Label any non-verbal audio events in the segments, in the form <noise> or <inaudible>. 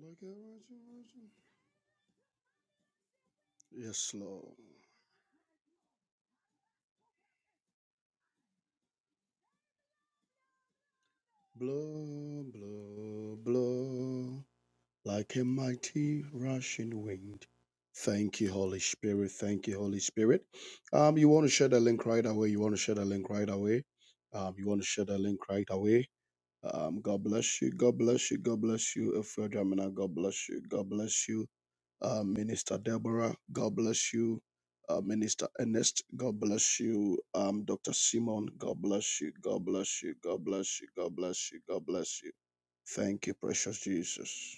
Like a virgin, virgin. Yes, Lord. Blow, blow, blow, like a mighty rushing wind. Thank you, Holy Spirit. Thank you, Holy Spirit. Um, you want to share the link right away. You want to share the link right away. Um, you want to share the link right away. Um, God bless you. God bless you. God bless you. If you're German, God bless you. God bless you. Uh, Minister Deborah, God bless you. Uh, Minister Ernest, God bless you. Um, Dr. Simon, God bless you. God bless you. God bless you. God bless you. God bless you. Thank you, precious Jesus.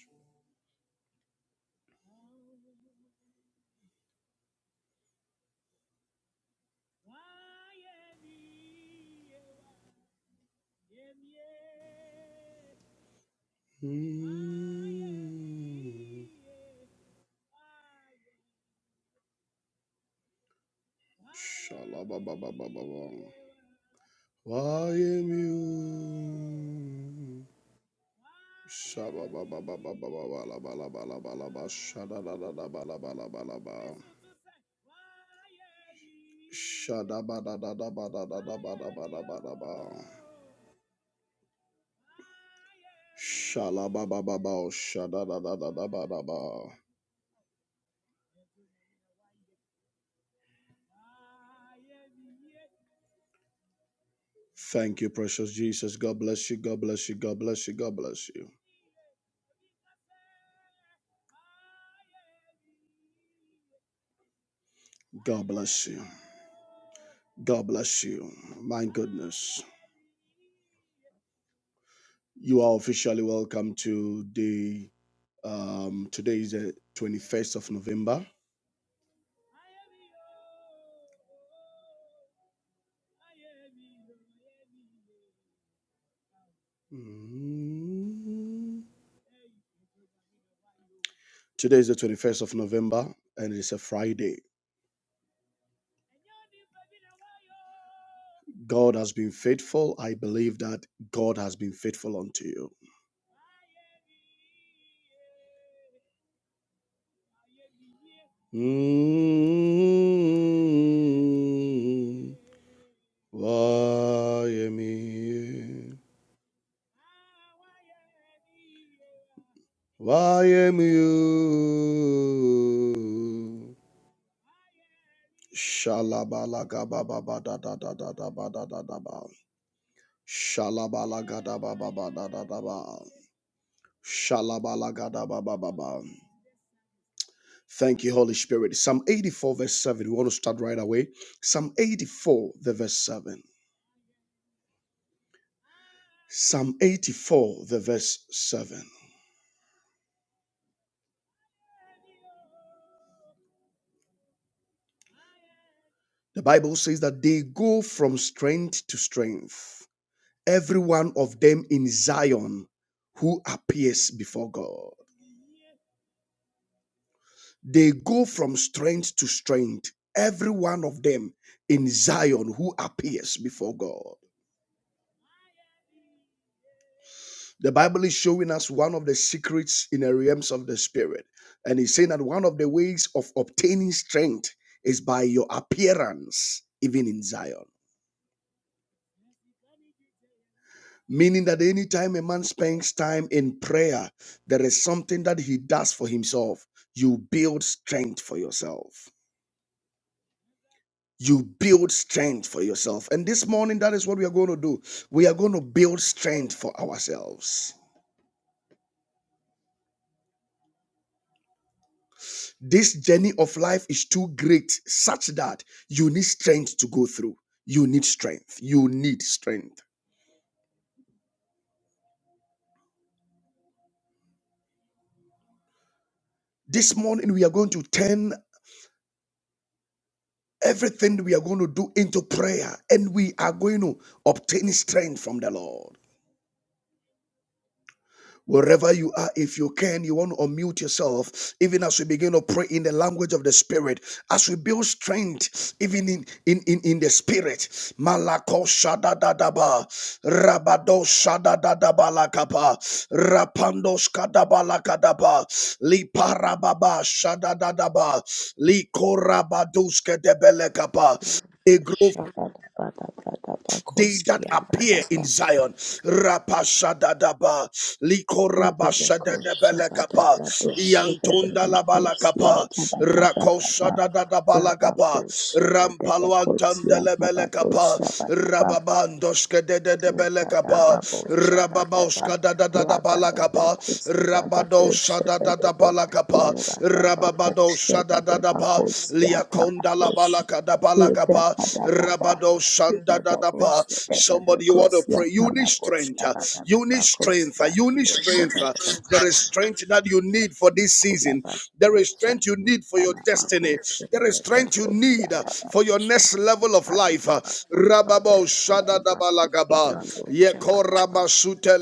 Mm. Shalabababababam. Why am you? Shaba ba ba ba ba ba ba la ba la ba la Shada-da-da-da-ba-la-ba-la-ba-la-ba. Shada-ba-da-da-da-ba-da-da-da-ba-da-ba-da-ba. Shala-ba-ba-ba-ba. Shada-da-da-da-da-ba-da-ba. Thank you, precious Jesus. God bless you. God bless you. God bless you. God bless you. God bless you. God bless you. My goodness. You are officially welcome to the um today is the 21st of November. Mm. Today is the 21st of November and it's a Friday. God has been faithful. I believe that God has been faithful unto you. Mm, Why am you? Why am you? Shalabalagabababadadadadabadadadaba. Shalabalagadabababadadadaba. Shalabalagabababababa. Thank you, Holy Spirit. Psalm 84, verse 7. We want to start right away. Psalm 84, the verse 7. Psalm 84, the verse 7. The Bible says that they go from strength to strength, every one of them in Zion who appears before God. They go from strength to strength, every one of them in Zion who appears before God. The Bible is showing us one of the secrets in the realms of the spirit. And it's saying that one of the ways of obtaining strength is by your appearance, even in Zion. Meaning that anytime a man spends time in prayer, there is something that he does for himself. You build strength for yourself. You build strength for yourself. And this morning, that is what we are going to do. We are going to build strength for ourselves This journey of life is too great, such that you need strength to go through. You need strength. You need strength. This morning, we are going to turn everything we are going to do into prayer and we are going to obtain strength from the Lord. Wherever you are, if you can, you want to unmute yourself, even as we begin to pray in the language of the spirit, as we build strength, even in in in, in the spirit. Malako shadadadaba, rabado shadadadabalakapa, rapando skadabalakadaba, liparababa shadadadaba, likorabaduske debelekapa, Shabada bada bada they that bakosia bada appear in ba. Zion. Rapashadadaba, Bada bako shabada likorabashadadabelekapa, bado shabada bakosia iyantondalabalakapa, bada bada ba. Bada ko rakoshadadadabalakapa, shabada bakosia bada rampalwantandelebelekapa, shabada ba. Thank rababandoskedededebelekapa, rababoskadadadabalakapa, Rabado Shadada Balakapa, Rababado Shadada Ba, Liakonda La Balaka da Balakapa, Rabado Shandada Ba. Somebody you want to pray. You need strength. You need strength. You need strength. There is strength that you need for this season. There is you. strength you need for your Bana makul destiny. There is şekerde ve strength you kutya need uh, kadar for your düştü. next level of Bana life. da uh. bak ona bak Rababo dostlarına bak. Shadadabalagaba. İbran dostça bana bak.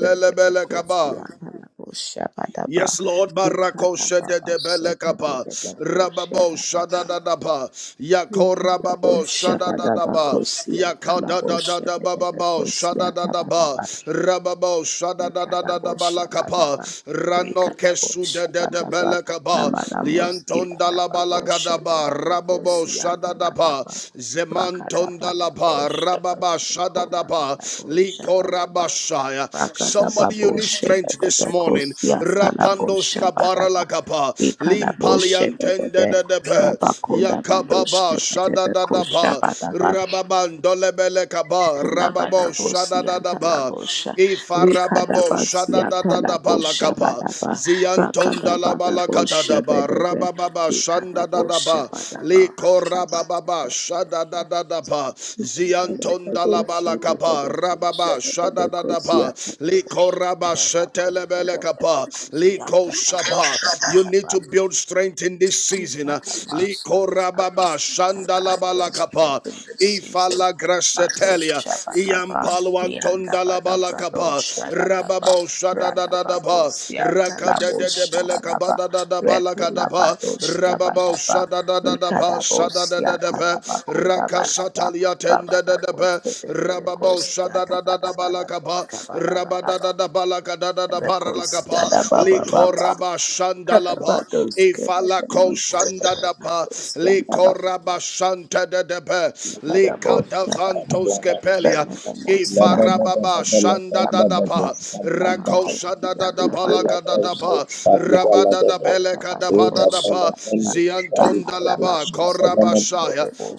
Böyle de kutya bana kutya bana bak. Yes, Lord, Ülkada Barakosha de baba de Belekapa, şekerde de de kutya Rababo bana bak. Shadadadaba, Yako Ülkada Rababo boşça bana bak Shadadadaba, kutya tala Yakada da da boşça da bana bak Bababo kutya bana Shadadadaba, bak. Rababo Shadadadadaba Lakapa, Rikadaboshabadaba, Rano Kesu de de de Rikadaboshabadaba, Belekaba, Amanamoski Liantonda la Balagadaba, Rababo Shadadaba, Badaboshabadabosiakabadaba, Zemantonda la Ba, Rababa Shadadaba, Rakadabadaboshabadabakolamadaboshabadaba, Likorabashaya. Somebody. Somebody, you need strength this morning. Rapandos kabara Rakadababoshabadabakosiatalaboshabadaba, lagapa, limpaliantende Rikadaboshabadaba, de debe, yakababa shada da da ba, Labakodabadoshabadabakoshabadaba, rababan dolebele kaba, rababo shada da da ba. Kolabadabosiantalabosha, Ifarababo shada da da da ba la Rikadabasiantalabosha kapa Badaba, zianton da la balakata la da Rakadabadabosha ba Bedebe, rabababa shanda da da Rikadabosha ba Badaba, liko rabababa shada Abakadabadaba, da da da ba zianton da la balakapa Rikadabadabosha la Bedebe, baba Shebedebe shada da da ba Kosiantalabosha, liko raba shetele bele kapa liko shaba. Abakadabadabosiantalabosha You need Badaba, to build strength in this season. Baba, uh, Liko raba ba shanda la ba la kapa ifala grasetelia iampalo antonda la ba la kapa rababo shada da da da ba raka de de bele kapa da da da ba la ka da ba rababo shada da da da ba shada da da da ba raka satalia da da da ba rababo shada da da da balakaba rabada da da balaka da da da baralakaba likoraba shandalaba Karabados ifalako shanda da ba likoraba shanta da da ba likadavantos kepelia ifarababa shanda da da ba rakosha da da da balaka da da ba rabada da beleka da ba da da ba ziantonda laba koraba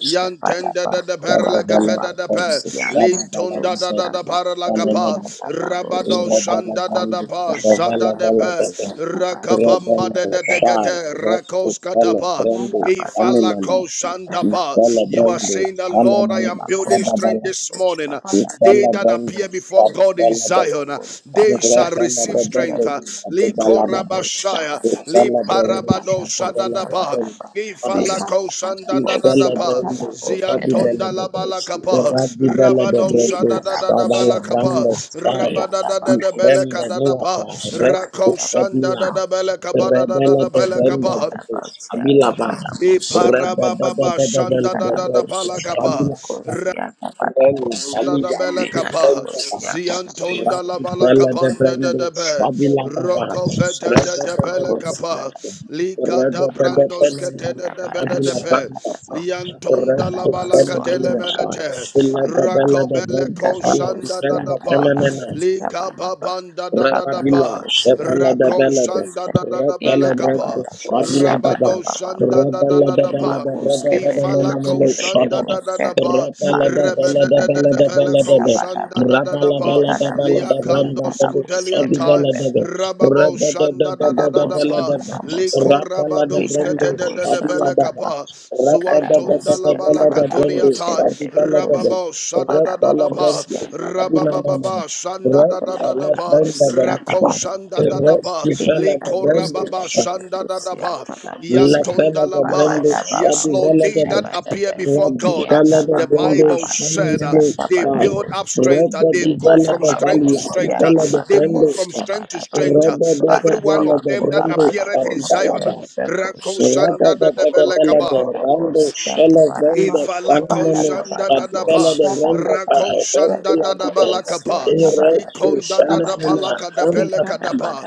Yantenda da da perla capeda da pe. Linton da da da da parla capa. Rabado shanda da da pa. Zada de pe. Rakabamba de Rebel de Thank you. de shy, gede. restful Rakos fellow, katapa. Yanda Brando, badaba, Ifala Shannon, ko yanda badaba, Ifele You are brendo, saying that, Lord, I am yanda building kola strength shanamane, this badaba, morning. shaba badaba, They Ifala that bando, appear before God in kosia, fadala baba, Zion, kosia they shall badaba. Ifala receive In the strength. bando, name of Jesus, fadala baba, kosia Likorabashaya. badaba, Ifala bando, reka Limparabado badaba, fadala kosia shadadaba. baba, badaba, fadala, Ifala reka badaba, koshanda da da da Ifala kosia pa bando, badaba, kosia fadala ziantonda la baba, bala kosia kapa Iradi badaba, bala rabado bando, shada reka da badaba, da da fadala kosia bala kapa bando, badaba, fai, rabada yanda da da da bele Ifembe badaba, kada da pa niata, kosia ref badaba, rakoshanda ufadila, da da bele kapa da da da Rebele de bele bende kapa bando, Thank fadila ba, Rebele de Iparababa bende shanda da da bando, da bala fadila Rebel da da Kaliya bela kapa Kipendaba zianton da la Rati bala Bella de kapanda de Brendo da be Shabila Baba roko vete de Reda da Bella bela kapa you. de lika Reda da Ikada Bella brandos kete bosya, Fenamel da da de da da Shabila be Banda lianton da la Resto bala Fenamel katele Wasa melete Illa de Bella rako de bele Brenda ko Fala de shanda da Brenda da pa Fenamena lika pa banda da da da Rababila, pa Shevela de rako Velede, shanda da da da Retele bela kapa Brendo, Shabila Dava, rabado shanda da da Rebele da de da Vele pa de Brede Ifala ko Venomeno shanda Shadaba, da da da ba, Rebele de rebe Vele da de da da Vele da de vela Vele de ko Ve, shanda da da da Rabala ba, Vela de Vele de liakando Branda kada Vedo bosya, skudelia Shabi tai, Vele bede de Ve, rababo Rebe de de shanda de da de da da de da Vele Kadaboske, ba, de Ve, Kadaboske, liko Rabala de rabados kete Brendo da da da Kikadabosha, Shabila bele Badaba, Dava, kapa, Rebe de de de zuantonda la de Kadaboske, bala Vele de katunia Brendo Kabadaboske, tai, Shabi Vele de Bedebekos, Ve, rababo shada Berat da da da dalam dan ba, Badabakosya, terus. Abi nama Kabadabosha, nama. rabababa shanda Berat da da da da dalam ba, dan Makolabadabosya, dan terus. rako shanda da Babadabosha, da Berat ba, sisa lada liko dan Kikadaboske, terus. rababa shanda da da Bedebekosya, ba, Kadaboske, Lada lada dan Yantondalaba. terus. Yes, Abi Lord, lada they Babadabababosha, ada that appear Badebe, before Berat God, sisa uh, lada the dan terus. Bible Sani said uh, melu. they build Yadabakolabadosya, up Berat strength, uh, they di Bada go bada from lada bada strength bada vali. to Aku strength, sisa uh, bada bada bada ada they dan move terus. from strength to strength. Berat uh, lada bada bada Every lada bada one of lada them that dan terus. appeareth Abi in vela Zion, uh, ada. Rada Rakosanda da da da da da bella de belekaba. rando shella vende fanno bada Ifalakoshanda bada da da fadbella ba, de vende fa Rakoshanda da resula da bude e balakapa, resu Ikonda da da fenomena balaka da randa beleka da fi ba,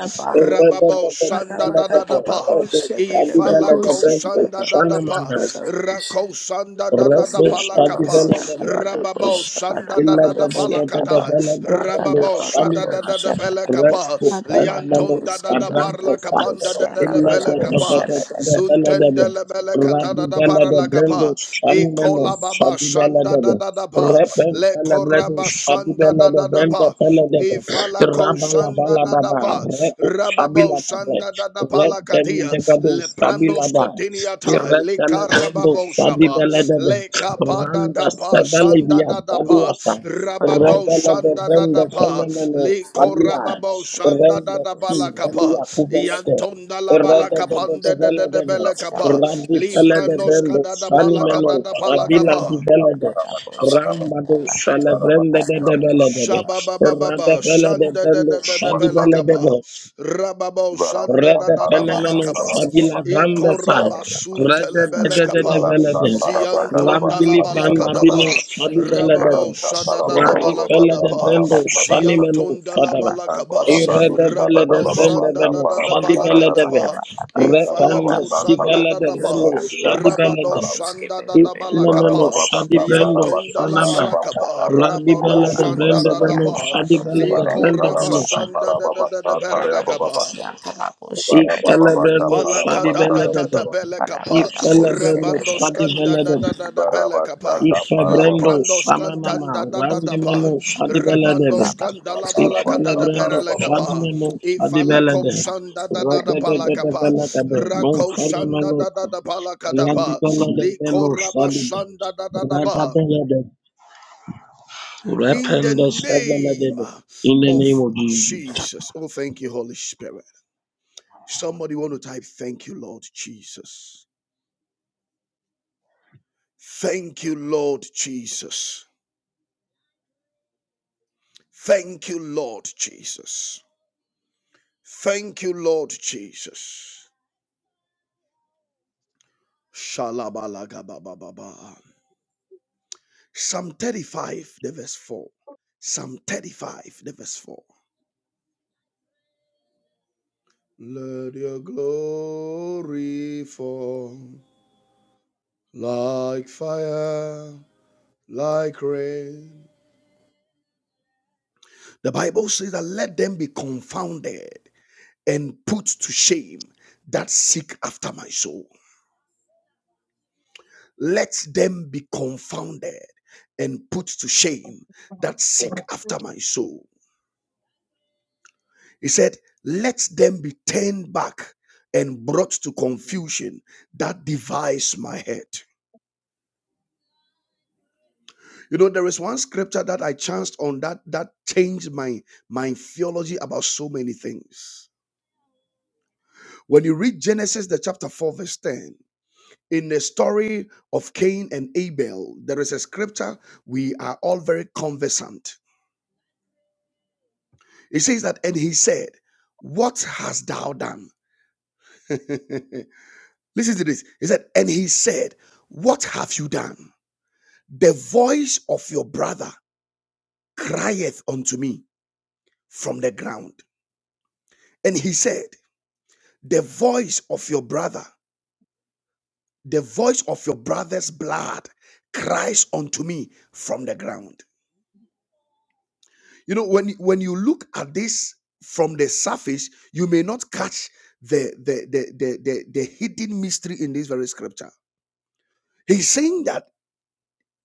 rada Rababo da shanda da da da bella da de pa. bede Ifala bela de rado shadi bella de vende koshanda da fanno rakosanda mana pa, bada rakoshanda da da da rado pa la shadi kapa, bella de vende fa rababo shanda da illa da da da da da da da kata, bella de vende rababo shanda famina da kapa, resu fenomena lianton da sabrante fa kapanda da illa da da da kapa, da da bella zuntende de le pele Rabbi kata da da Rabibela para de la Brendo kapa, Shalimeno ikola baba Shadibela shanda de da da da pa, Repen Bella Bredo, Shadi Shadibela de Brenda Fele de Ifalako Rabala shanda Vala Baba dadapa, Reco rababo Shabila de shanda dadapa Repen lakadia, de Bedo Shabila leprandos da kodiniata, Retele Brendo likarababo shaba, Shadibela de lekapa Randa dadapa, Sebele shanda via dadapa, Taduasa rabado Rebele de shanda Brenda dadapa, Fenomeno Shabila Thank likorababo shanda Renda dadapa Si lakapa, Belia Kubele yantonda Rabbi labala kapande de bele kapa, liprandos Feledebrando, kadadapa Sanimeno, lakadadapa Avila di lakapa. Velede, Rambado, Salebrende de Veledebe, Rade Shababababa, Shanda da Veledebrando, da da da Shadi you. Ibarra Belakapa, Veledebe, Rababo, Shanda da Rede da da Mata fenomeno Balakapa, koske shabila grande sa. koske Ikorabasun Rede de telebele de koske de de kapa. vele de. Rianda Zianton kola la Rambili dalabala frambabino koske kadapa. shabi vele de Rianda de. Rababo koske Radi shadadadabala fele de kadapa. Ada brendo pada shani meno koske Zianton Ada fadaba. dalabala pada kapa. koske Irede Ada vele de Rabado koske frende veno Bukan shadi shandadadabala vele koske de ve. kadapa. Ada pada Refende Ifalako Sama si kola vele de koske brendo shandadadaba. Ada shadi pada vele Ada Rabado de. koske Bebe shandadadabala Ifenomeno kapa. Ada shadi koske brendo Lianton Bebe koske fanama. dalabala Ada pada kapa. Rabi Ada Rabado vele pada de brende koske veno Ada shandadadaba. pada shadi vele koske de brende veno Ada sa. koske Likorabashandadadadaberele kapa. Radabusia, Rabusia, Ifele Bedabusia, brendo Palaka shadi da Rabada, da vele de da da belekapa, Radabada, Ifele Busia, brendo Shadi rabandoskan da Bedabusia, da Ifelebrendo da da da belekapa, Barabashaka la Parababa shadibeledem. Ifebrendo prandoskan da shamanama da da da da randimeno pa, Rababusia, shadibeledem. rabandoskan da la Rabusia, balaka da Parabasa da Ifelebrendo Parababa berelekapa, shadimeno ifala shadibeledem. kosan da da da Bedabusia, da balakapa, Radedededebeledebe. No rakosan da fenomeno. da da da balaka da pa, Radibeledebelo shadibe. likorabasan da da da da ba. Radabeledem. In Shakaba. the Rependo name sebeledebe. In the name of of Jesus. Jesus. Oh, thank you, Holy Spirit. Somebody want to type, thank you, Lord Jesus. Thank you, Lord Jesus. Thank you, Lord Jesus. Thank you, Lord Jesus. Shalabalagabababa. Psalm 35, the verse 4. Psalm 35, the verse 4. Let your glory fall like fire, like rain. The Bible says that let them be confounded and put to shame that seek after my soul. let them be confounded and put to shame that seek after my soul. He said, let them be turned back and brought to confusion that devise my head. You know, there is one scripture that I chanced on that that changed my my theology about so many things. When you read Genesis the chapter 4 verse 10, in the story of Cain and Abel, there is a scripture we are all very conversant It says that, and he said, What hast thou done? <laughs> Listen to this. He said, And he said, What have you done? The voice of your brother crieth unto me from the ground. And he said, The voice of your brother, the voice of your brother's blood cries unto me from the ground. You know, when, when you look at this from the surface, you may not catch the, the, the, the, the, the hidden mystery in this very scripture. He's saying that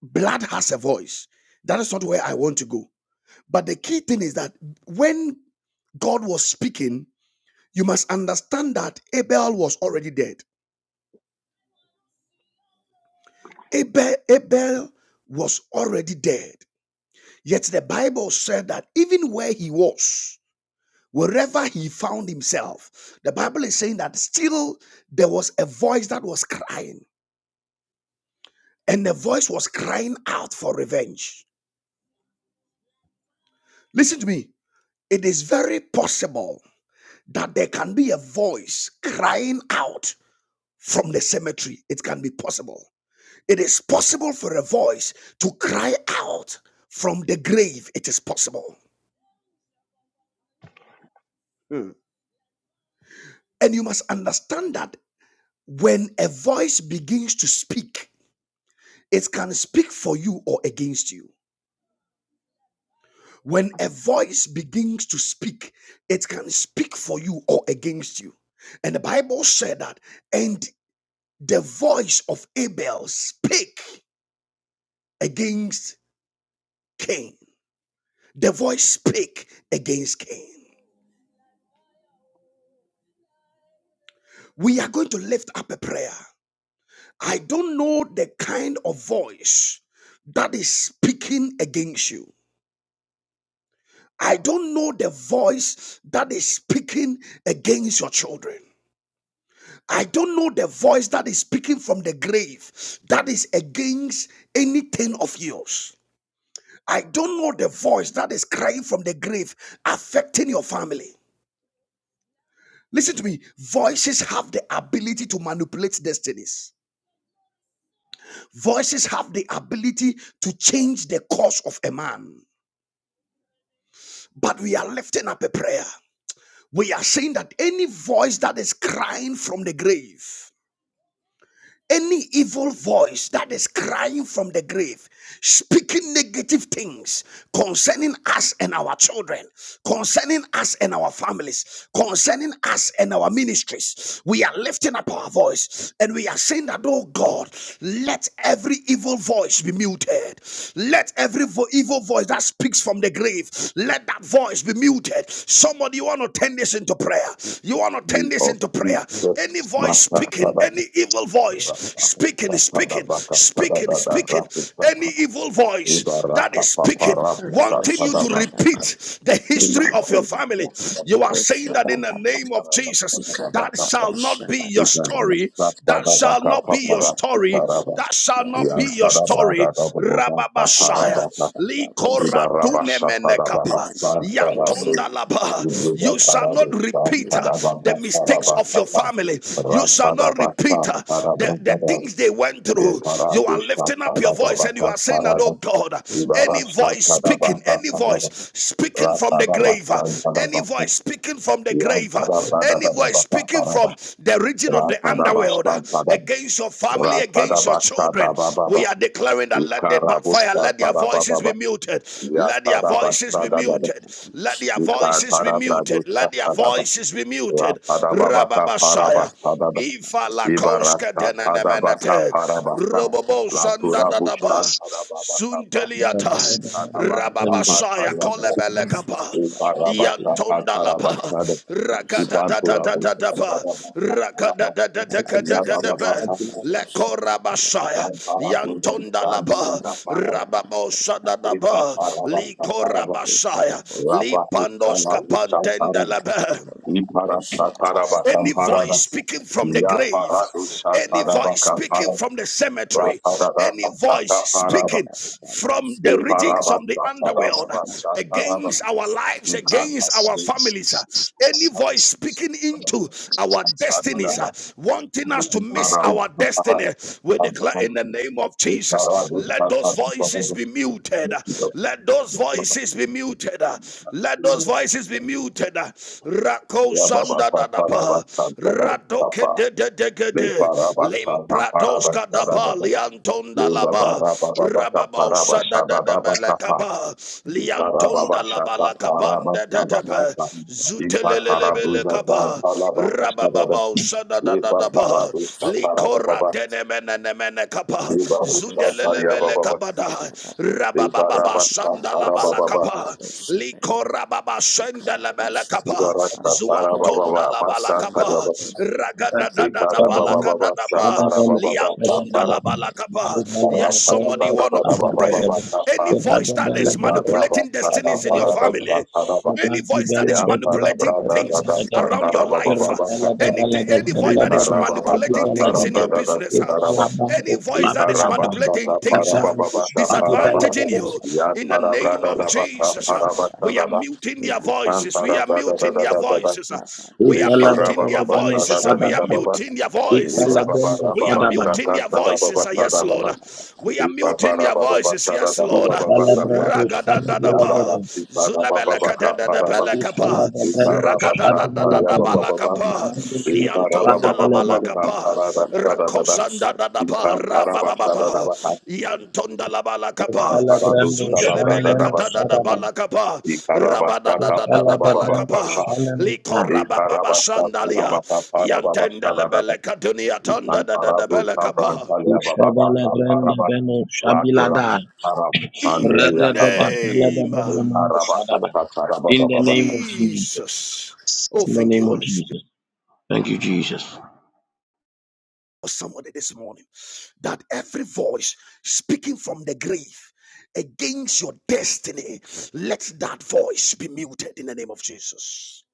blood has a voice. That is not where I want to go. But the key thing is that when God was speaking, you must understand that Abel was already dead. Abel, Abel was already dead. Yet the Bible said that even where he was, wherever he found himself, the Bible is saying that still there was a voice that was crying, and the voice was crying out for revenge. Listen to me. It is very possible that there can be a voice crying out from the cemetery. It can be possible. It is possible for a voice to cry out from the grave. It is possible. Hmm. And you must understand that when a voice begins to speak, it can speak for you or against you. When a voice begins to speak, it can speak for you or against you. And the Bible said that, and the voice of Abel spake against Cain. The voice spake against Cain. We are going to lift up a prayer. I don't know the kind of voice that is speaking against you. I don't know the voice that is speaking against your children. I don't know the voice that is speaking from the grave that is against anything of yours. I don't know the voice that is crying from the grave affecting your family. Listen to me. Voices have the ability to manipulate destinies. Voices have the ability to change the course of a man. But we are lifting up a prayer. We are saying that any voice that is crying from the grave, any evil voice that is crying from the grave, speaking negative things concerning us and our children, concerning us and our families, concerning us and our ministries, we are lifting up our voice and we are saying that, oh God, let every evil voice be muted. Let every vo- evil voice that speaks from the grave, let that voice be muted. Somebody, you want to turn this into prayer. You want to turn Name this of into prayer. Jesus Any voice Mata speaking, speaking, Parababa any evil voice speaking, speaking, Sapadabaka speaking, Padabada speaking, any Rakutaka evil voice that Ibaraka is speaking, Paparabu wanting you Rabusia, to Badaba, Sapadabaka repeat the history of your Imaku, family. You Ibaraka are saying Rabusia, that in the Badaba, name of Jesus, that shall not Ikadababusia, be your Badabaku, story. That shall Paparabaka not be your Papara Imaku, Rabusia, story. Sitaraba. That shall not be Yan your Rabusia, Padabraga story. Rababashaya. Likora Ikadababusia, dunemenekapa. Badaba, Yantonda laba. You shall not repeat uh, the mistakes of your family family. Radabusia, Rabusia, You shall not Badaba, repeat uh, the, the things they went through. You are lifting up your voice and you are saying that, oh God, any voice speaking, any Ratada voice speaking from the grave, uh, any voice speaking from the grave, uh, any voice speaking from the region of the underworld uh, against your family, against your children, we are declaring that let it backfire. Let their voices be muted. Let their voices be muted. Let Thank their voices be Ikatara muted. bradusta Let their padaba. voices be muted. Rapadababaka Rababasaya. parabastada. Ifa la koska Ibarasta padabaka denenemenete, parabasta. robobo sanda Latura busta dadaba, padababaka pa. sunteliata, Shadibeledebelede. Padabasta Shadibeledebelede. rababasaya padababa. kolebelekapa, Ibarabasta iantonda laba, padarabastada. Ibantura busta rakatatatatatatapa, padabaka padaba. rakatatatatatatatape, Yabababaka. lekorabasaya, Santara bunda yantonda laba, dandurina padaba. rababo Ipa sadadaba, parabasta padaba. likorabasaya, Rapasista la lipandoska busta padaba. pantendelebe. Ibarasta parabaka Any parada. voice speaking from the Ya grave, parado any shataraba voice speaking kapara from the cemetery, raparada any voice sata paraba speaking from the le regions paraba of the underworld shataraba shataraba against our lives, in against our katasabe families, uh, any voice speaking shataraba into our destinies, uh, wanting us to in miss parau our kapara destiny, we declare in the name of le Jesus, parado let those voices voices be muted. Let those shataraba voices be muted. Let those voices be muted. Rako Ya baba sanda da da paraba shataraba kapa de de de ke le de. paraba Limprados shataraba ba. shataraba Lianton le da la baba ba. paraba Rababo paraba sada da da shataraba ba la ka ba. Iparababashaka parabasabahasa. Ipatarabuza ba balabakashababa. rabababo Lepa sadadadadaba parabushka likora parabababa. denemenenemene kapa Libarucha zudelelebele pariyabababa. kabada rabababa Libarabasa sandalabala parabababa. kapa you. likora baba Thank sendelebele kapa Libarasa parabababa. zuantondalabala Masa kapa pariyaba. If ragadadadadabala Liparabababa. kadadaba Shaparabababa. Sapara. liantondalabala kapa yes somebody want to pray pray. Parabababababababa. Sapa. Any voice that is manipulating Liparabasa destinies in your parada. family, Shaparaba. any voice that is manipulating Yamparabradadada. things around your life, uh, Saparabababa. any, any voice that is Ikarababasa manipulating things in your tarabradada business, uh, sikaraba. any voice that is Ikarabashata manipulating things, uh, parabababasa paraba. disadvantaging you, in the name of Yatarabradadabasa Jesus, uh, we are parabasadaba. muting their voices. We are muting their Ikantarabradadadadadada. voices. uh, we are muting their voices. We are Ikarabababasadadadadababa. muting their voices. We are muting Ibababababasaka their voices. Yes, Lord. tarababasadadaba. We are muting their voices. Yes, Lord. Fala Ibabarabababadadabababasaka. Brando Fabiola Ragadadadaba. Debe, Yabarasikarabababaka paraba. Zulebelekadedebelekapa. Ifalabrando you. Shabialabebe, Ikarabashantarabababa. Ragadadadadabalakapa. Mando Maroşa Blue da da Liantondalaba Shabialabebe, da da Ikarababababasam lakapa bakola da da paradadadadada. da rakosanda şöyle dadapa de rabababa Ikamparabashadadabaka, yantonda labala kapa Ifalabrando zundelebele Shanimeno Mantaradushababradadaba, katada Sadaba, dabala kapa rabada rabadadadadabala Ifalabrando kapa Ikarabashakaparabababakapa, liko Shanemana, rabababa sandalia Ikarabashakarabakarababashadadaba, yantendelebele katunia tonda dadadabele kapa Ifalabrando Ikantaradushabrantaliabababakapa, Beno Shabilada, in the Rada Lakurakarabsanderiyakapa, de name Falabrando of Mano Sadaba. In the name Lutarabakashakarababababashadadaba, of Jesus, Jesus oh in the thank name you of Holy Spirit Jesus. Thank you, Jesus. somebody this morning that every voice speaking from the grave against your destiny, let that voice be muted in the name of Jesus.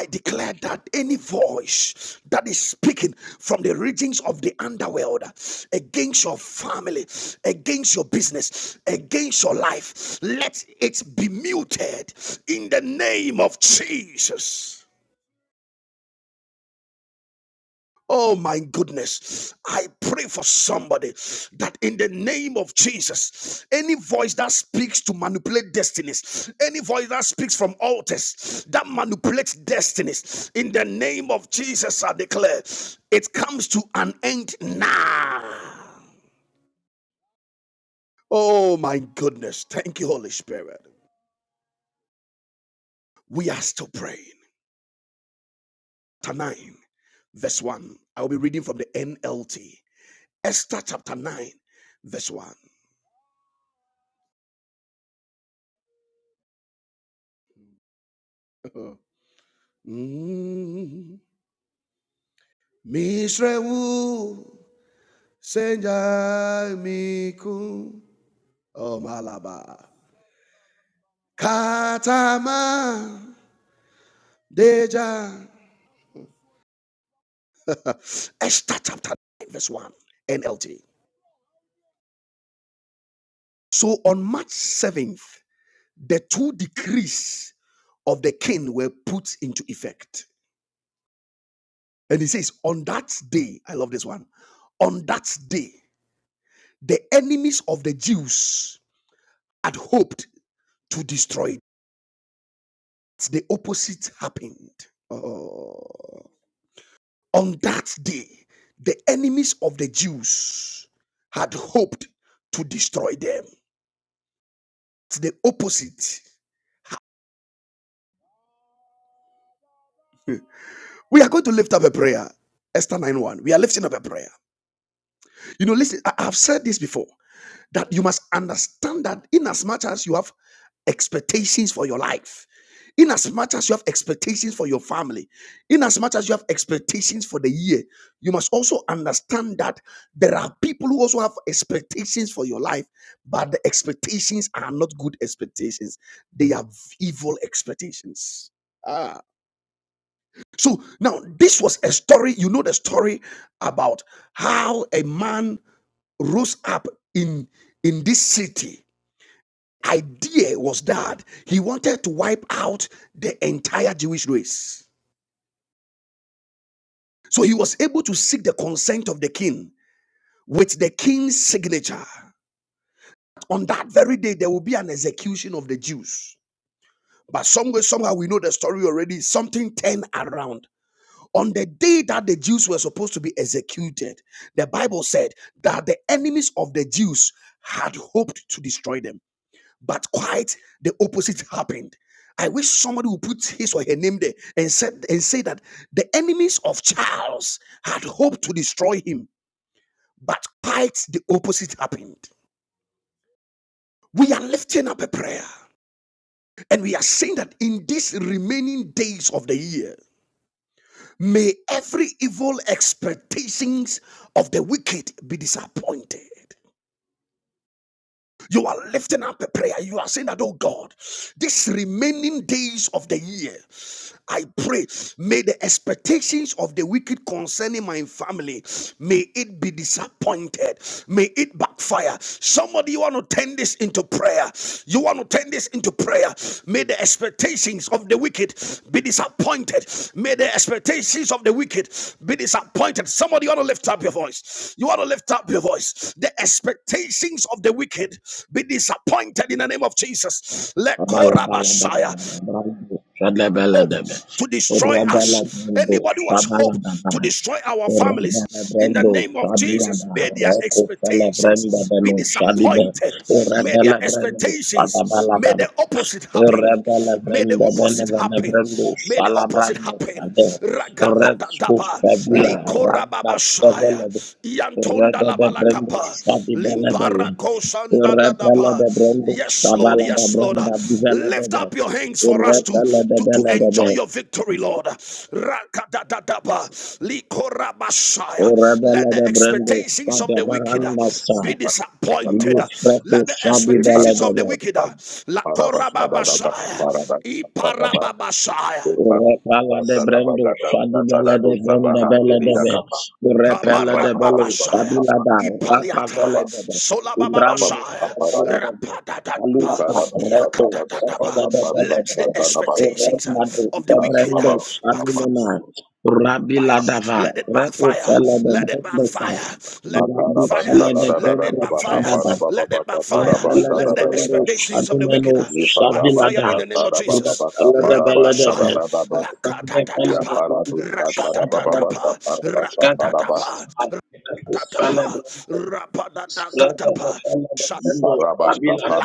I declare that any voice that is speaking from the regions of the underworld against your family, against your business, against your life, let it be muted in the name of Jesus. Oh my goodness. I pray for somebody that in the name of Jesus, any voice that speaks to manipulate destinies, any voice that speaks from altars that manipulates destinies, in the name of Jesus, I declare it comes to an end now. Oh my goodness. Thank you, Holy Spirit. We are still praying. Chapter 9, verse 1. I will be reading from the NLT. Esther chapter 9, verse 1. <laughs> Mm. Mishrewu senjai miku omalaba katama deja Esther chapter 9 verse 1 NLT. So on March 7th, the two decrees of the king were put into effect. And he says, on that day, I love this one, on that day, the enemies of the Jews had hoped to destroy the opposite happened. Oh. On that day, the enemies of the Jews had hoped to destroy them. It's the opposite. <laughs> We are going to lift up a prayer. Esther 9 1. We are lifting up a prayer. You know, listen, I have said this before that you must understand that in as much as you have expectations for your life. In as much as you have expectations for your family, in as much as you have expectations for the year, you must also understand that there are people who also have expectations for your life, but the expectations are not good expectations. They are evil expectations. Ah. So now this was a story. You know the story about how a man rose up in in this city idea was that he wanted to wipe out the entire Jewish race. So he was able to seek the consent of the king with the king's signature. On that very day, there will be an execution of the Jews. But somewhere, somehow, we know the story already. Something turned around. On the day that the Jews were supposed to be executed, the Bible said that the enemies of the Jews had hoped to destroy them. But quite the opposite happened. I wish somebody would put his or her name there and said and say that the enemies of Charles had hoped to destroy him, but quite the opposite happened. We are lifting up a prayer and we are saying that in these remaining days of the year, may every evil expectations of the wicked be disappointed. You are lifting up a prayer. You are saying that, oh God, these remaining days of the year. I pray, may the expectations of the wicked concerning my family, may it be disappointed. May it backfire. Somebody, you want to turn this into prayer. You want to turn this into prayer. May the expectations of the wicked be disappointed. May the expectations of the wicked be disappointed. Somebody, you want to lift up your voice. You want to lift up your voice. The expectations of the wicked be disappointed in the name of Jesus. Let Shabalala Korabashaya hope to destroy us, anybody who has hope to destroy our families, in the Brendo, name of Jesus, Shabilada, may their Rocco Fella Brenda expectations be Beno, Shabibe, disappointed. May their Orabella Brendo, expectations, may Shadabalada, the opposite happen. Rebele May the brenda bene opposite bene happen. brendo May the sala opposite brando happen. sade red scoop Ragadadadaba, fabula randa sevele de likorababashaya, rede de brendo yantondalabalakapa. sabi bele bele Limparako repele de sandadadaba. brendo Yes, Lord. sabala da Yes, Lord. branda bivele de Lift be up your hands for us to, repele de to, to bele de enjoy be your victory, Lord. Rakadadadaba. Likorabashaya. rebele Let the de brendo expectations sabe of the wicked baranda sa be lu disappointed. freto Let the sabi bele expectations of the de wicked. Ikarabashakaparabashadadaba, Lakorababashaya. Parabashakadaba, Iparababashaya. Repala de Brendo, Shadibele de Brenda Bele de Be, Ikarabashadadabagadasaradusabahambiriyakapa, Repele de Belo, Kabarababashaya. Shabila da, Ipaliatai. Rakavele de Be, Ibrando, Solabababashaya. Shabele Ikantarada de Be, Rapadadadaba. Aluata, dusta Reco, daba Shabele de Yakadadadaba. Bele Let de the Be, expectations uh, Eremado, of the wicked uh, Febrendo, backfire. Shanimena, Rabila dava, Let it Reco backfire. Fele de Let it Brendo Sa, backfire. Let Rabi Fire, Fele de let it Brendo backfire, Shadaba, let it backfire, Lepelede let the bendo expectations of the shadumeno wicked uh, backfire shavilada. in the name of Jesus. Repelede belede be. Rababashaya, Bande pelede lakatatapa, bendo shadibelede be. rakatatapa, Lede rakatatapa, shadibelede felede tatapa be. rapadada Lede be katapa felede shat bendo shavilada.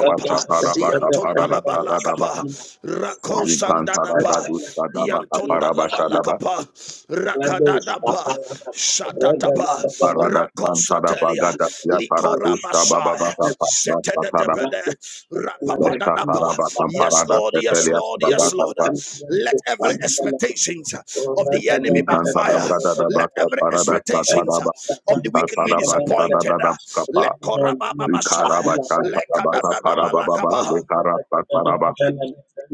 Lede be fede felede bendo yantondalabalakapa shavilada. rakosandadapa Repelede bendo kapara basha da shavilada. yantondalabalakapa Lede rakadadapa shavilada. Repelede shatatapa bendo shavilada. Parada Sankara rakosatelia Bagada Ya Paradu likorabasaya Sabababata Parada Lesta Parabata Yes, Parada Lord. Yes, Setelia Lord. Yes, Lord. Parabata Let every expectations of the enemy We can backfire. Parabrada Let Dabata every Parada expectations Sataraba of the wicked be Sataraba disappointed. Sadada Let Kapa Vikaraba korabababashaya. Let Satarabata Parababa kadadadabalakaba. Lekara Sataraba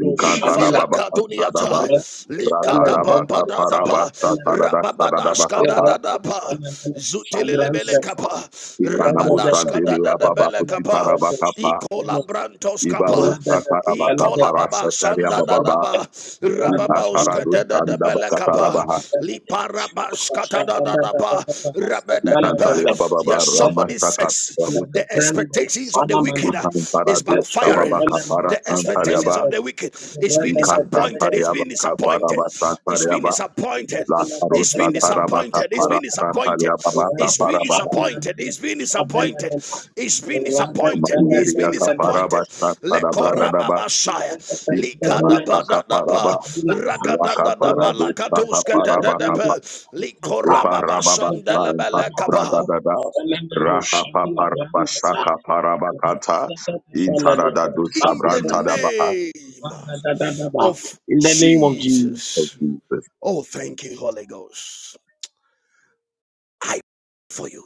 Vikantarababa Sadaba Ivalakaduniata, Ratadaba Kaparaba Likadababadadaba, Satarada Sadadaba Kapa Rababadashkadadadaba, Zutelelebelekapa, Ikanamu Thank Santelia Baba Rabadashkadadadabelekapa, Kusitaraba Ibaru Ikolabrantoskapa, Tatarabata Ikolababa Parasataria Bababa, Sandadadaba, Itataradu Rababauskadadadabelekapa, Sandabakatarabaha, Liparabashkatadadadaba, Rabadadaba. Itantalia Yes, Bababa somebody Ramastaka ex- Babu, the expectations of the week wicked uh, is Itantaradu backfiring. Sababaka The expectations Parasantaliaba, of the wicked is being disappointed. It's Ikatantariaba being disappointed. Kaparaba It's being Santariaba, disappointed. Lakaru It's being Satarabata disappointed. It's being you. disappointed. Parasantaliaba Shabila It's being Parabaha, disappointed. It's being disappointed. It's being disappointed. It's Mandiria being disappointed. Kaparaba Santarabradaba, Lekorababa shaya. Itanastaka Likadabadadaba. Paraba, Rakaparadu Sakaparaba Rakadadadabalakatuskadadadaba. Ipa Likorababa rababasa impata shandelebelekaba. brada dada. Raka papa rabashaka parabakata. Intara da dusha in the da baha. name of Oh, Jesus. Jesus. Oh, thank you, Holy Ghost. I pray for you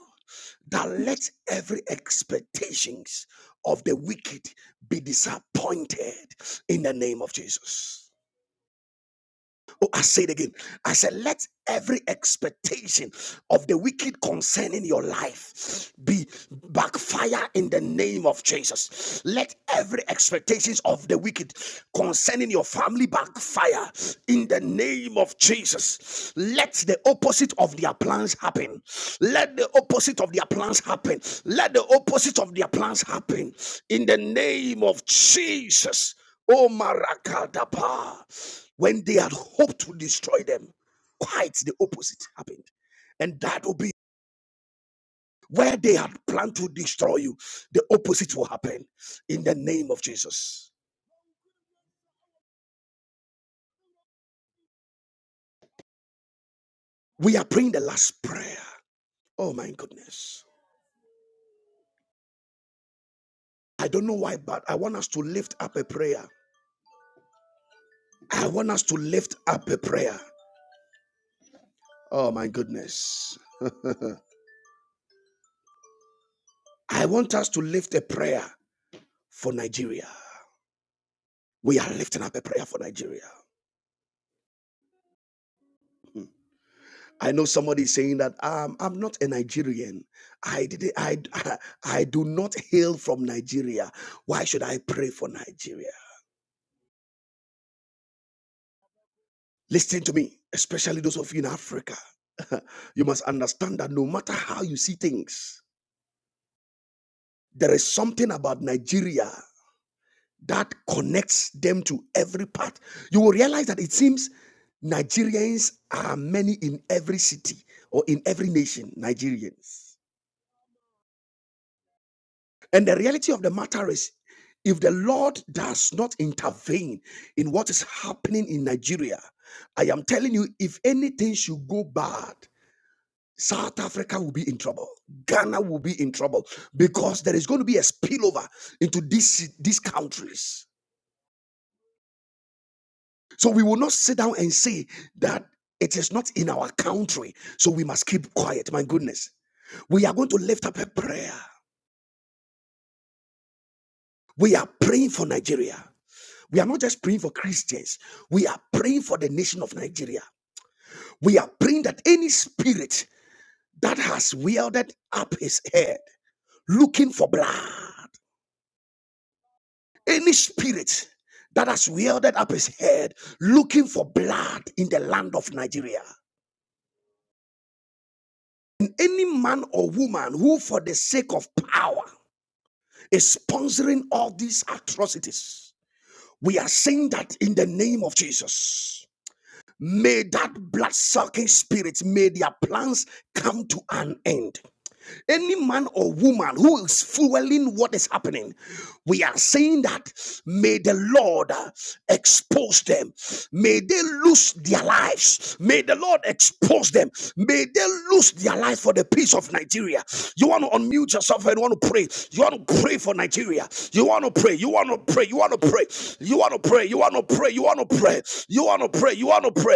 that let every expectations of the wicked be disappointed in the name of Jesus. Oh, I say it again. I said, let every expectation of the wicked concerning your life be backfire in the name of Jesus. Let every expectations of the wicked concerning your family backfire in the name of Jesus. Let the opposite of their plans happen. Let the opposite of their plans happen. Let the opposite of their plans happen in the name of Jesus. Oh, Marakadapa. When they had hoped to destroy them, quite the opposite happened. And that will be where they had planned to destroy you, the opposite will happen in the name of Jesus. We are praying the last prayer. Oh, my goodness. I don't know why, but I want us to lift up a prayer. I want us to lift up a prayer. Oh, my goodness. I want us to lift a prayer for Nigeria. We are lifting up a prayer for Nigeria. I know somebody is saying that um, I'm not a Nigerian. I did I <laughs> I do not hail from Nigeria. Why should I pray for Nigeria? Listen to me, especially those of you in Africa. <laughs> you must understand that no matter how you see things, there is something about Nigeria that connects them to every part. You will realize that it seems Nigerians are many in every city or in every nation, Nigerians. And the reality of the matter is, if the Lord does not intervene in what is happening in Nigeria, I am telling you, if anything should go bad, South Africa will be in trouble. Ghana will be in trouble because there is going to be a spillover into these, these countries. So we will not sit down and say that it is not in our country. So we must keep quiet. My goodness. We are going to lift up a prayer. We are praying for Nigeria. We are not just praying for Christians. We are praying for the nation of Nigeria. We are praying that any spirit that has wielded up his head looking for blood, any spirit that has wielded up his head looking for blood in the land of Nigeria, and any man or woman who, for the sake of power, is sponsoring all these atrocities, we are saying that in the name of Jesus. May that blood sucking spirit, may their plans come to an end. Any man or woman who is fueling what is happening, we are saying that may the Lord expose them. May they lose their lives. May the Lord expose them. May they lose their lives for the peace of Nigeria. You want to unmute yourself and want to pray. You want to pray for Nigeria. You want to pray. You want to pray. You want to pray. You want to pray. You want to pray. You want to pray. You want to pray. You want to pray. You want to pray.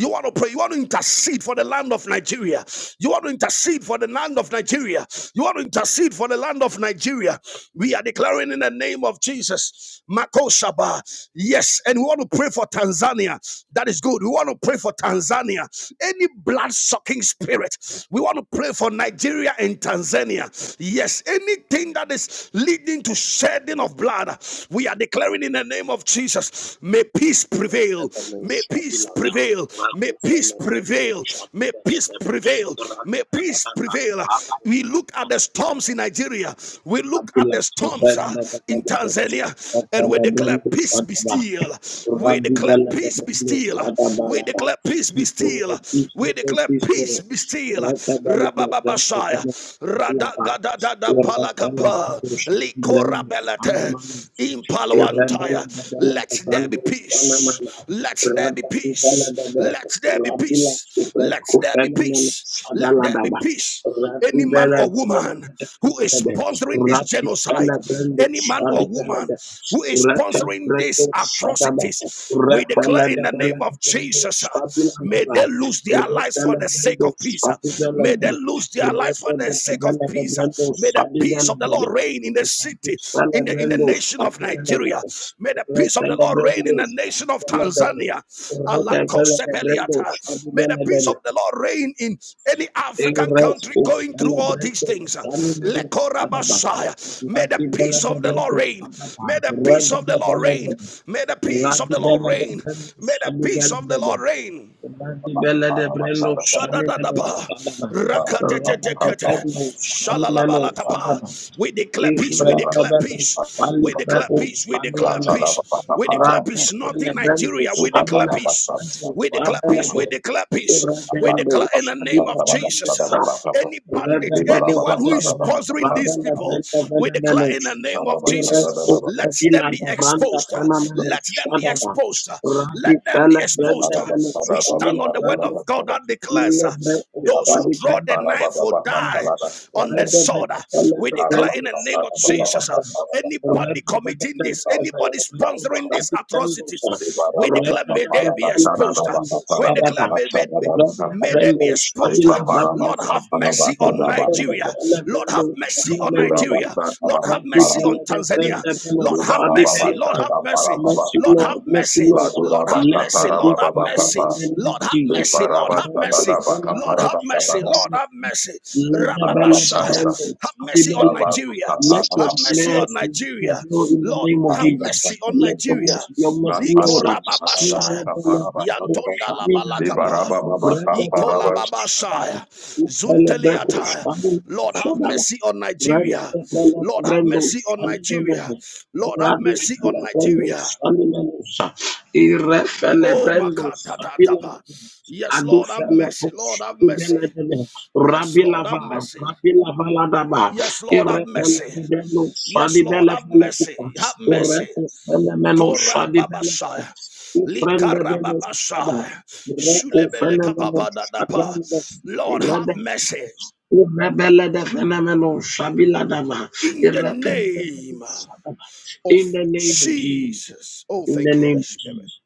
You want to pray. You want to intercede for the land of Nigeria. You want to intercede for the land of Nigeria. You want to intercede for the land of Nigeria. We are declaring in the name of Jesus. Makoshaba. Yes. And we want to pray for Tanzania. That is good. We want to pray for Tanzania. Any blood sucking spirit. We want to pray for Nigeria and Tanzania. Yes. Anything that is leading to shedding of blood. We are declaring in the name of Jesus. May peace prevail. Rebelo May peace Shabilada, prevail. Rako May peace Fele Brendo prevail. May peace Shabibelebe, prevail. May peace Radadadadada, prevail. Rabala We look at the storms in Bandadadadada, Nigeria. We look at Abila the storms uh, Sofenda in Belebe, Tanzania and we Ratada declare Brendo peace be Shadaba, still. We declare Rabibele peace be Brendo still. We Shadabalaba, declare peace be Pismo, still. Pismo, We declare Pismo, peace be still. Ratabele Rabababashaya. Brendo Shabilaba, Ratana Brendo Radagadadadabalakapa. Shabilaba, Ikorabelete, Shabilaba, Rabbi Impaloantaya. Let there be peace. Let there be peace. Let there be peace. Let there be peace. Let there be peace any man or woman who is sponsoring this genocide, any man or woman who is sponsoring these atrocities, we declare in the name of Jesus, uh, may they lose their lives for the sake of peace. uh, May they lose their life for the sake of peace. May the peace of the Lord reign in the Radi city, bella de in the, in the brendo, nation of sabi bella de Nigeria. May the peace of the Lord reign in the nation of Tanzania. Alakosebeliata. May the peace of the Lord reign in any African country going through all these things. Lekorabasaya. May the peace of the Lord reign. May the peace of the Lord Sala reign. Babas, May the peace of Radi the Lord bella de reign. brendo, May the sani peace meno, of the Lord fadaba. reign. bella de brendo, Parabashada da ba- Shadadadaba, da ba- da ba- da rakatetetekete, ba- sani meno, shalalabalakapa. We declare peace, we declare Ifelebele peace, we declare falifebo peace, we declare samina. peace, we declare peace, not in Radifelebendo Nigeria, we Upa declare samina. para ba- ba- Bendo peace, we declare peace, sabelebe. we declare peace, we Irebendo declare in the name sabina of Jesus. uh, bandesa. Any bandit, anyone who is Rebebebebebebe. sponsoring these people, we declare in Rabelebelebelebenos. the name of Iresto Jesus, let febila them be exposed davranda exposed. fanameno Let them be shadaba. exposed. Let them be exposed. Radifelebelebeno We stand samina on the word bando of da God ba. that declares Ile uh, vreko those who sadi Yabaru draw the brendo Shapara knife Baba will Baka sanama. die Parada on the Rabada Rebo sword. beko sale We de Ukara declare in brendo the Baka name of sadi Baba la Jesus uh, Baka gaba. Parada anybody Rebo da da committing da this, da da da. Sabaru anybody Rebo Sarabana sponsoring these sadi brendo sa. atrocities, Debara we declare Rebo Baka may da they da be Parada sale de Sarada exposed. Baka brendo We Parada declare sadaba. may, Naksha may, may, Baba Rebo Baka may they brendo be sadi exposed. Deba la Parada brando Lord, sa. have Sarada mercy on Nigeria. Baba Rebo da Nigeria. Baba sale Lord, brendo have mercy sadi on menu. Latura Nigeria. Basta Lord, Baka have Rabbi mercy Parada on Belede, Tanzania. Brenda Bello, Lord, have Debara Fabi Baba mercy. Lord, Belede. have Shata mercy. Parada Mercy, Lord, have Lord, mercy, mercy. Lord. Lord, Ladura have Let Basta your mercy. Sarada Lord, peace Baba have prevail mercy. in Baka the name Lord, of have Jesus. mercy. Debara Lord, have Basta Let the mercy. Dada Baka following Lord, of have Parada mercy. Sarada Shaddam Lord, have Nefer, mercy. let the Ukara Belede, Basta Brenda, Rababashaya. Have Fabi mercy on Belede. Labaru Nigeria. Let your Have Sarada mercy on mercy Nigeria. prevail in the Lord, name of have Jesus. Rabba mercy on Let your Nigeria. mercy, your mercy, Liko Lord. Here, Rababashaya. Belede, Yantonda la Fabi Belede. balakapa. Brenda Belede, Shaddam. Ikolababashaya, Ufele Beko, Shaddam, Zunteliata. Lord, have Shaddam. mercy on Rabbi Nigeria. Lord, have mercy on Nigeria. Lord, have mercy on Nigeria. Oh, Makatatapa. Yes, Lord, have mercy. Lord, have mercy. Yes, Lord, have mercy. Yes, Lord, have mercy. Yes, Lord, have mercy. Have mercy. Korababashaya, Likarababashaya, Shulebelekababadadapa. Lord, have mercy. in the name of in the name of Jesus. Jesus. Oh, In the thank you, name Holy of Spirit. Jesus.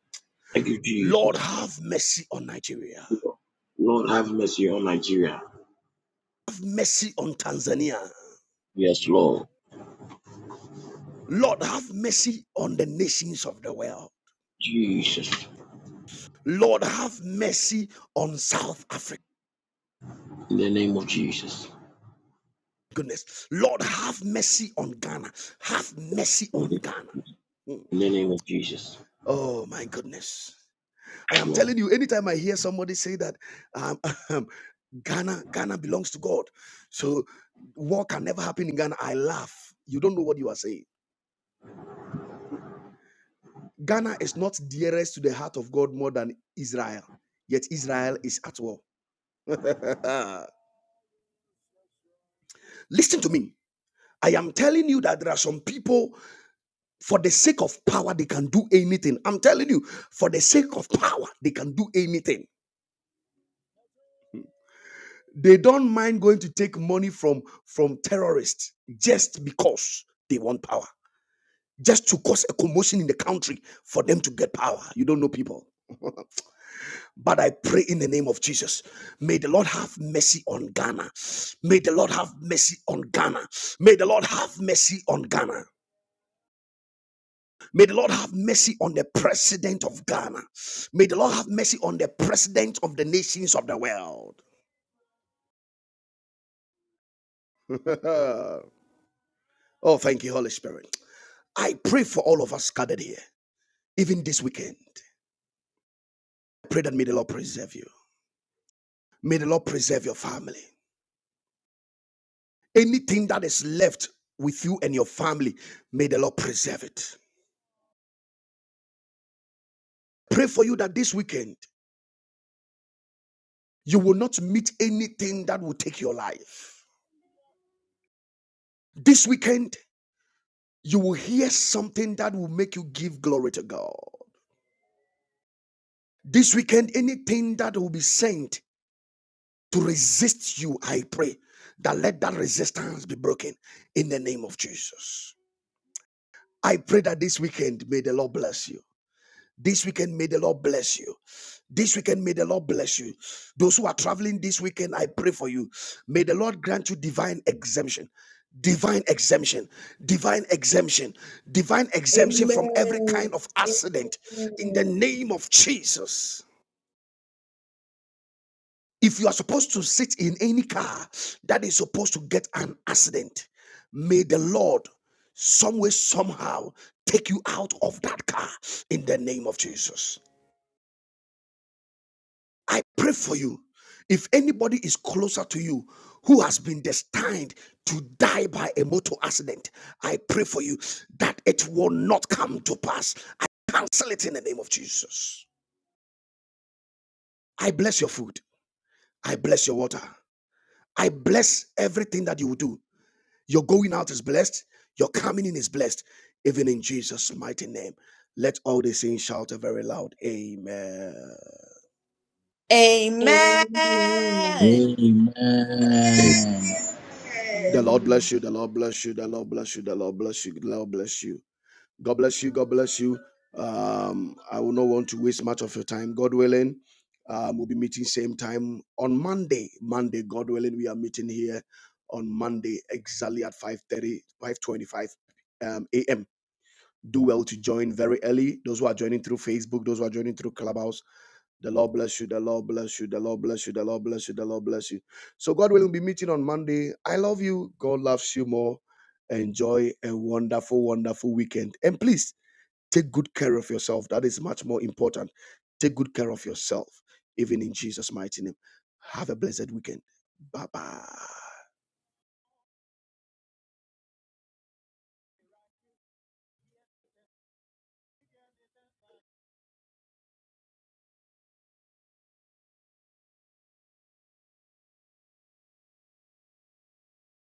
Thank you, Jesus. Lord, have mercy on Nigeria. Lord, have mercy on Nigeria. Have mercy on Tanzania. Yes, Lord. Lord, have mercy on the nations of the world. Jesus. Lord, have mercy on South Africa. In the name of Jesus. Goodness. Lord, have mercy on Ghana. Have mercy on In Ghana. Mm. the name of Jesus. Oh, my goodness. I am Lord. telling you, anytime I hear somebody say that um, <laughs> Ghana, Ghana belongs to God, so war can never happen in Ghana, I laugh. You don't know what you are saying. Ghana is not dearest to the heart of God more than Israel, yet Israel is at war. <laughs> Listen to me. I am telling you that there are some people, for the sake of power, they can do anything. I'm telling you, for the sake of power, they can do anything. They don't mind going to take money from, from terrorists just because they want power, just to cause a commotion in the country for them to get power. You don't know people. But I pray in the name of Jesus. May the Lord have mercy on Ghana. May the Lord have mercy on Ghana. May the Lord have mercy on Ghana. May the Lord have mercy on the president of Ghana. May the Lord have mercy on the president of the nations of the world. <laughs> oh, thank you, Holy Spirit. I pray for all of us gathered here, even this weekend. I pray that may the Lord preserve you. May the Lord preserve your family. Anything that is left with you and your family, may the Lord preserve it. Pray for you that this weekend you will not meet anything that will take your life. This weekend you will hear something that will make you give glory to God. This weekend, anything that will be sent to resist you, I pray that let that resistance be broken in the name of Jesus. I pray that this weekend may the Lord bless you. This weekend may the Lord bless you. This weekend may the Lord bless you. Those who are traveling this weekend, I pray for you. May the Lord grant you divine exemption. Divine exemption, divine exemption, divine exemption from every Amen. kind of accident Amen. in the name of Jesus. If you are supposed to sit in any car that is supposed to get an accident, may the Lord some way, somehow take you out of that car in the name of Jesus. I pray for you. If anybody is closer to you who has been destined to die by a motor accident, I pray for you that it will not come to pass. Cancel it in the name of Jesus. I bless your food. I bless your water. I bless everything that you will do. Your going out is blessed. Your coming in is blessed. Even in Jesus' mighty name. Let all the saints shout a very loud Amen. Amen. Amen. Amen. Amen. Amen. The Lord Amen. bless you. The Lord bless you. The Lord bless you. The Lord bless you. The Lord bless you. God bless you. God bless you. Um, I will not want to waste much of your time. God willing, um, we'll be meeting same time on Monday. Monday, God willing, we are meeting here on Monday exactly at five thirty, five twenty-five um, a.m. do well to join very early. Those who are joining through Facebook, those who are joining through Clubhouse, the Lord bless you, the Lord bless you, the Lord bless you, the Lord bless you, the Lord bless you. So, God willing, will be meeting on Monday. I love you. God loves you more. Enjoy a wonderful, wonderful weekend. And please take good care of yourself. That is much more important. Take good care of yourself, even in Jesus' mighty name. Have a blessed weekend. Bye bye.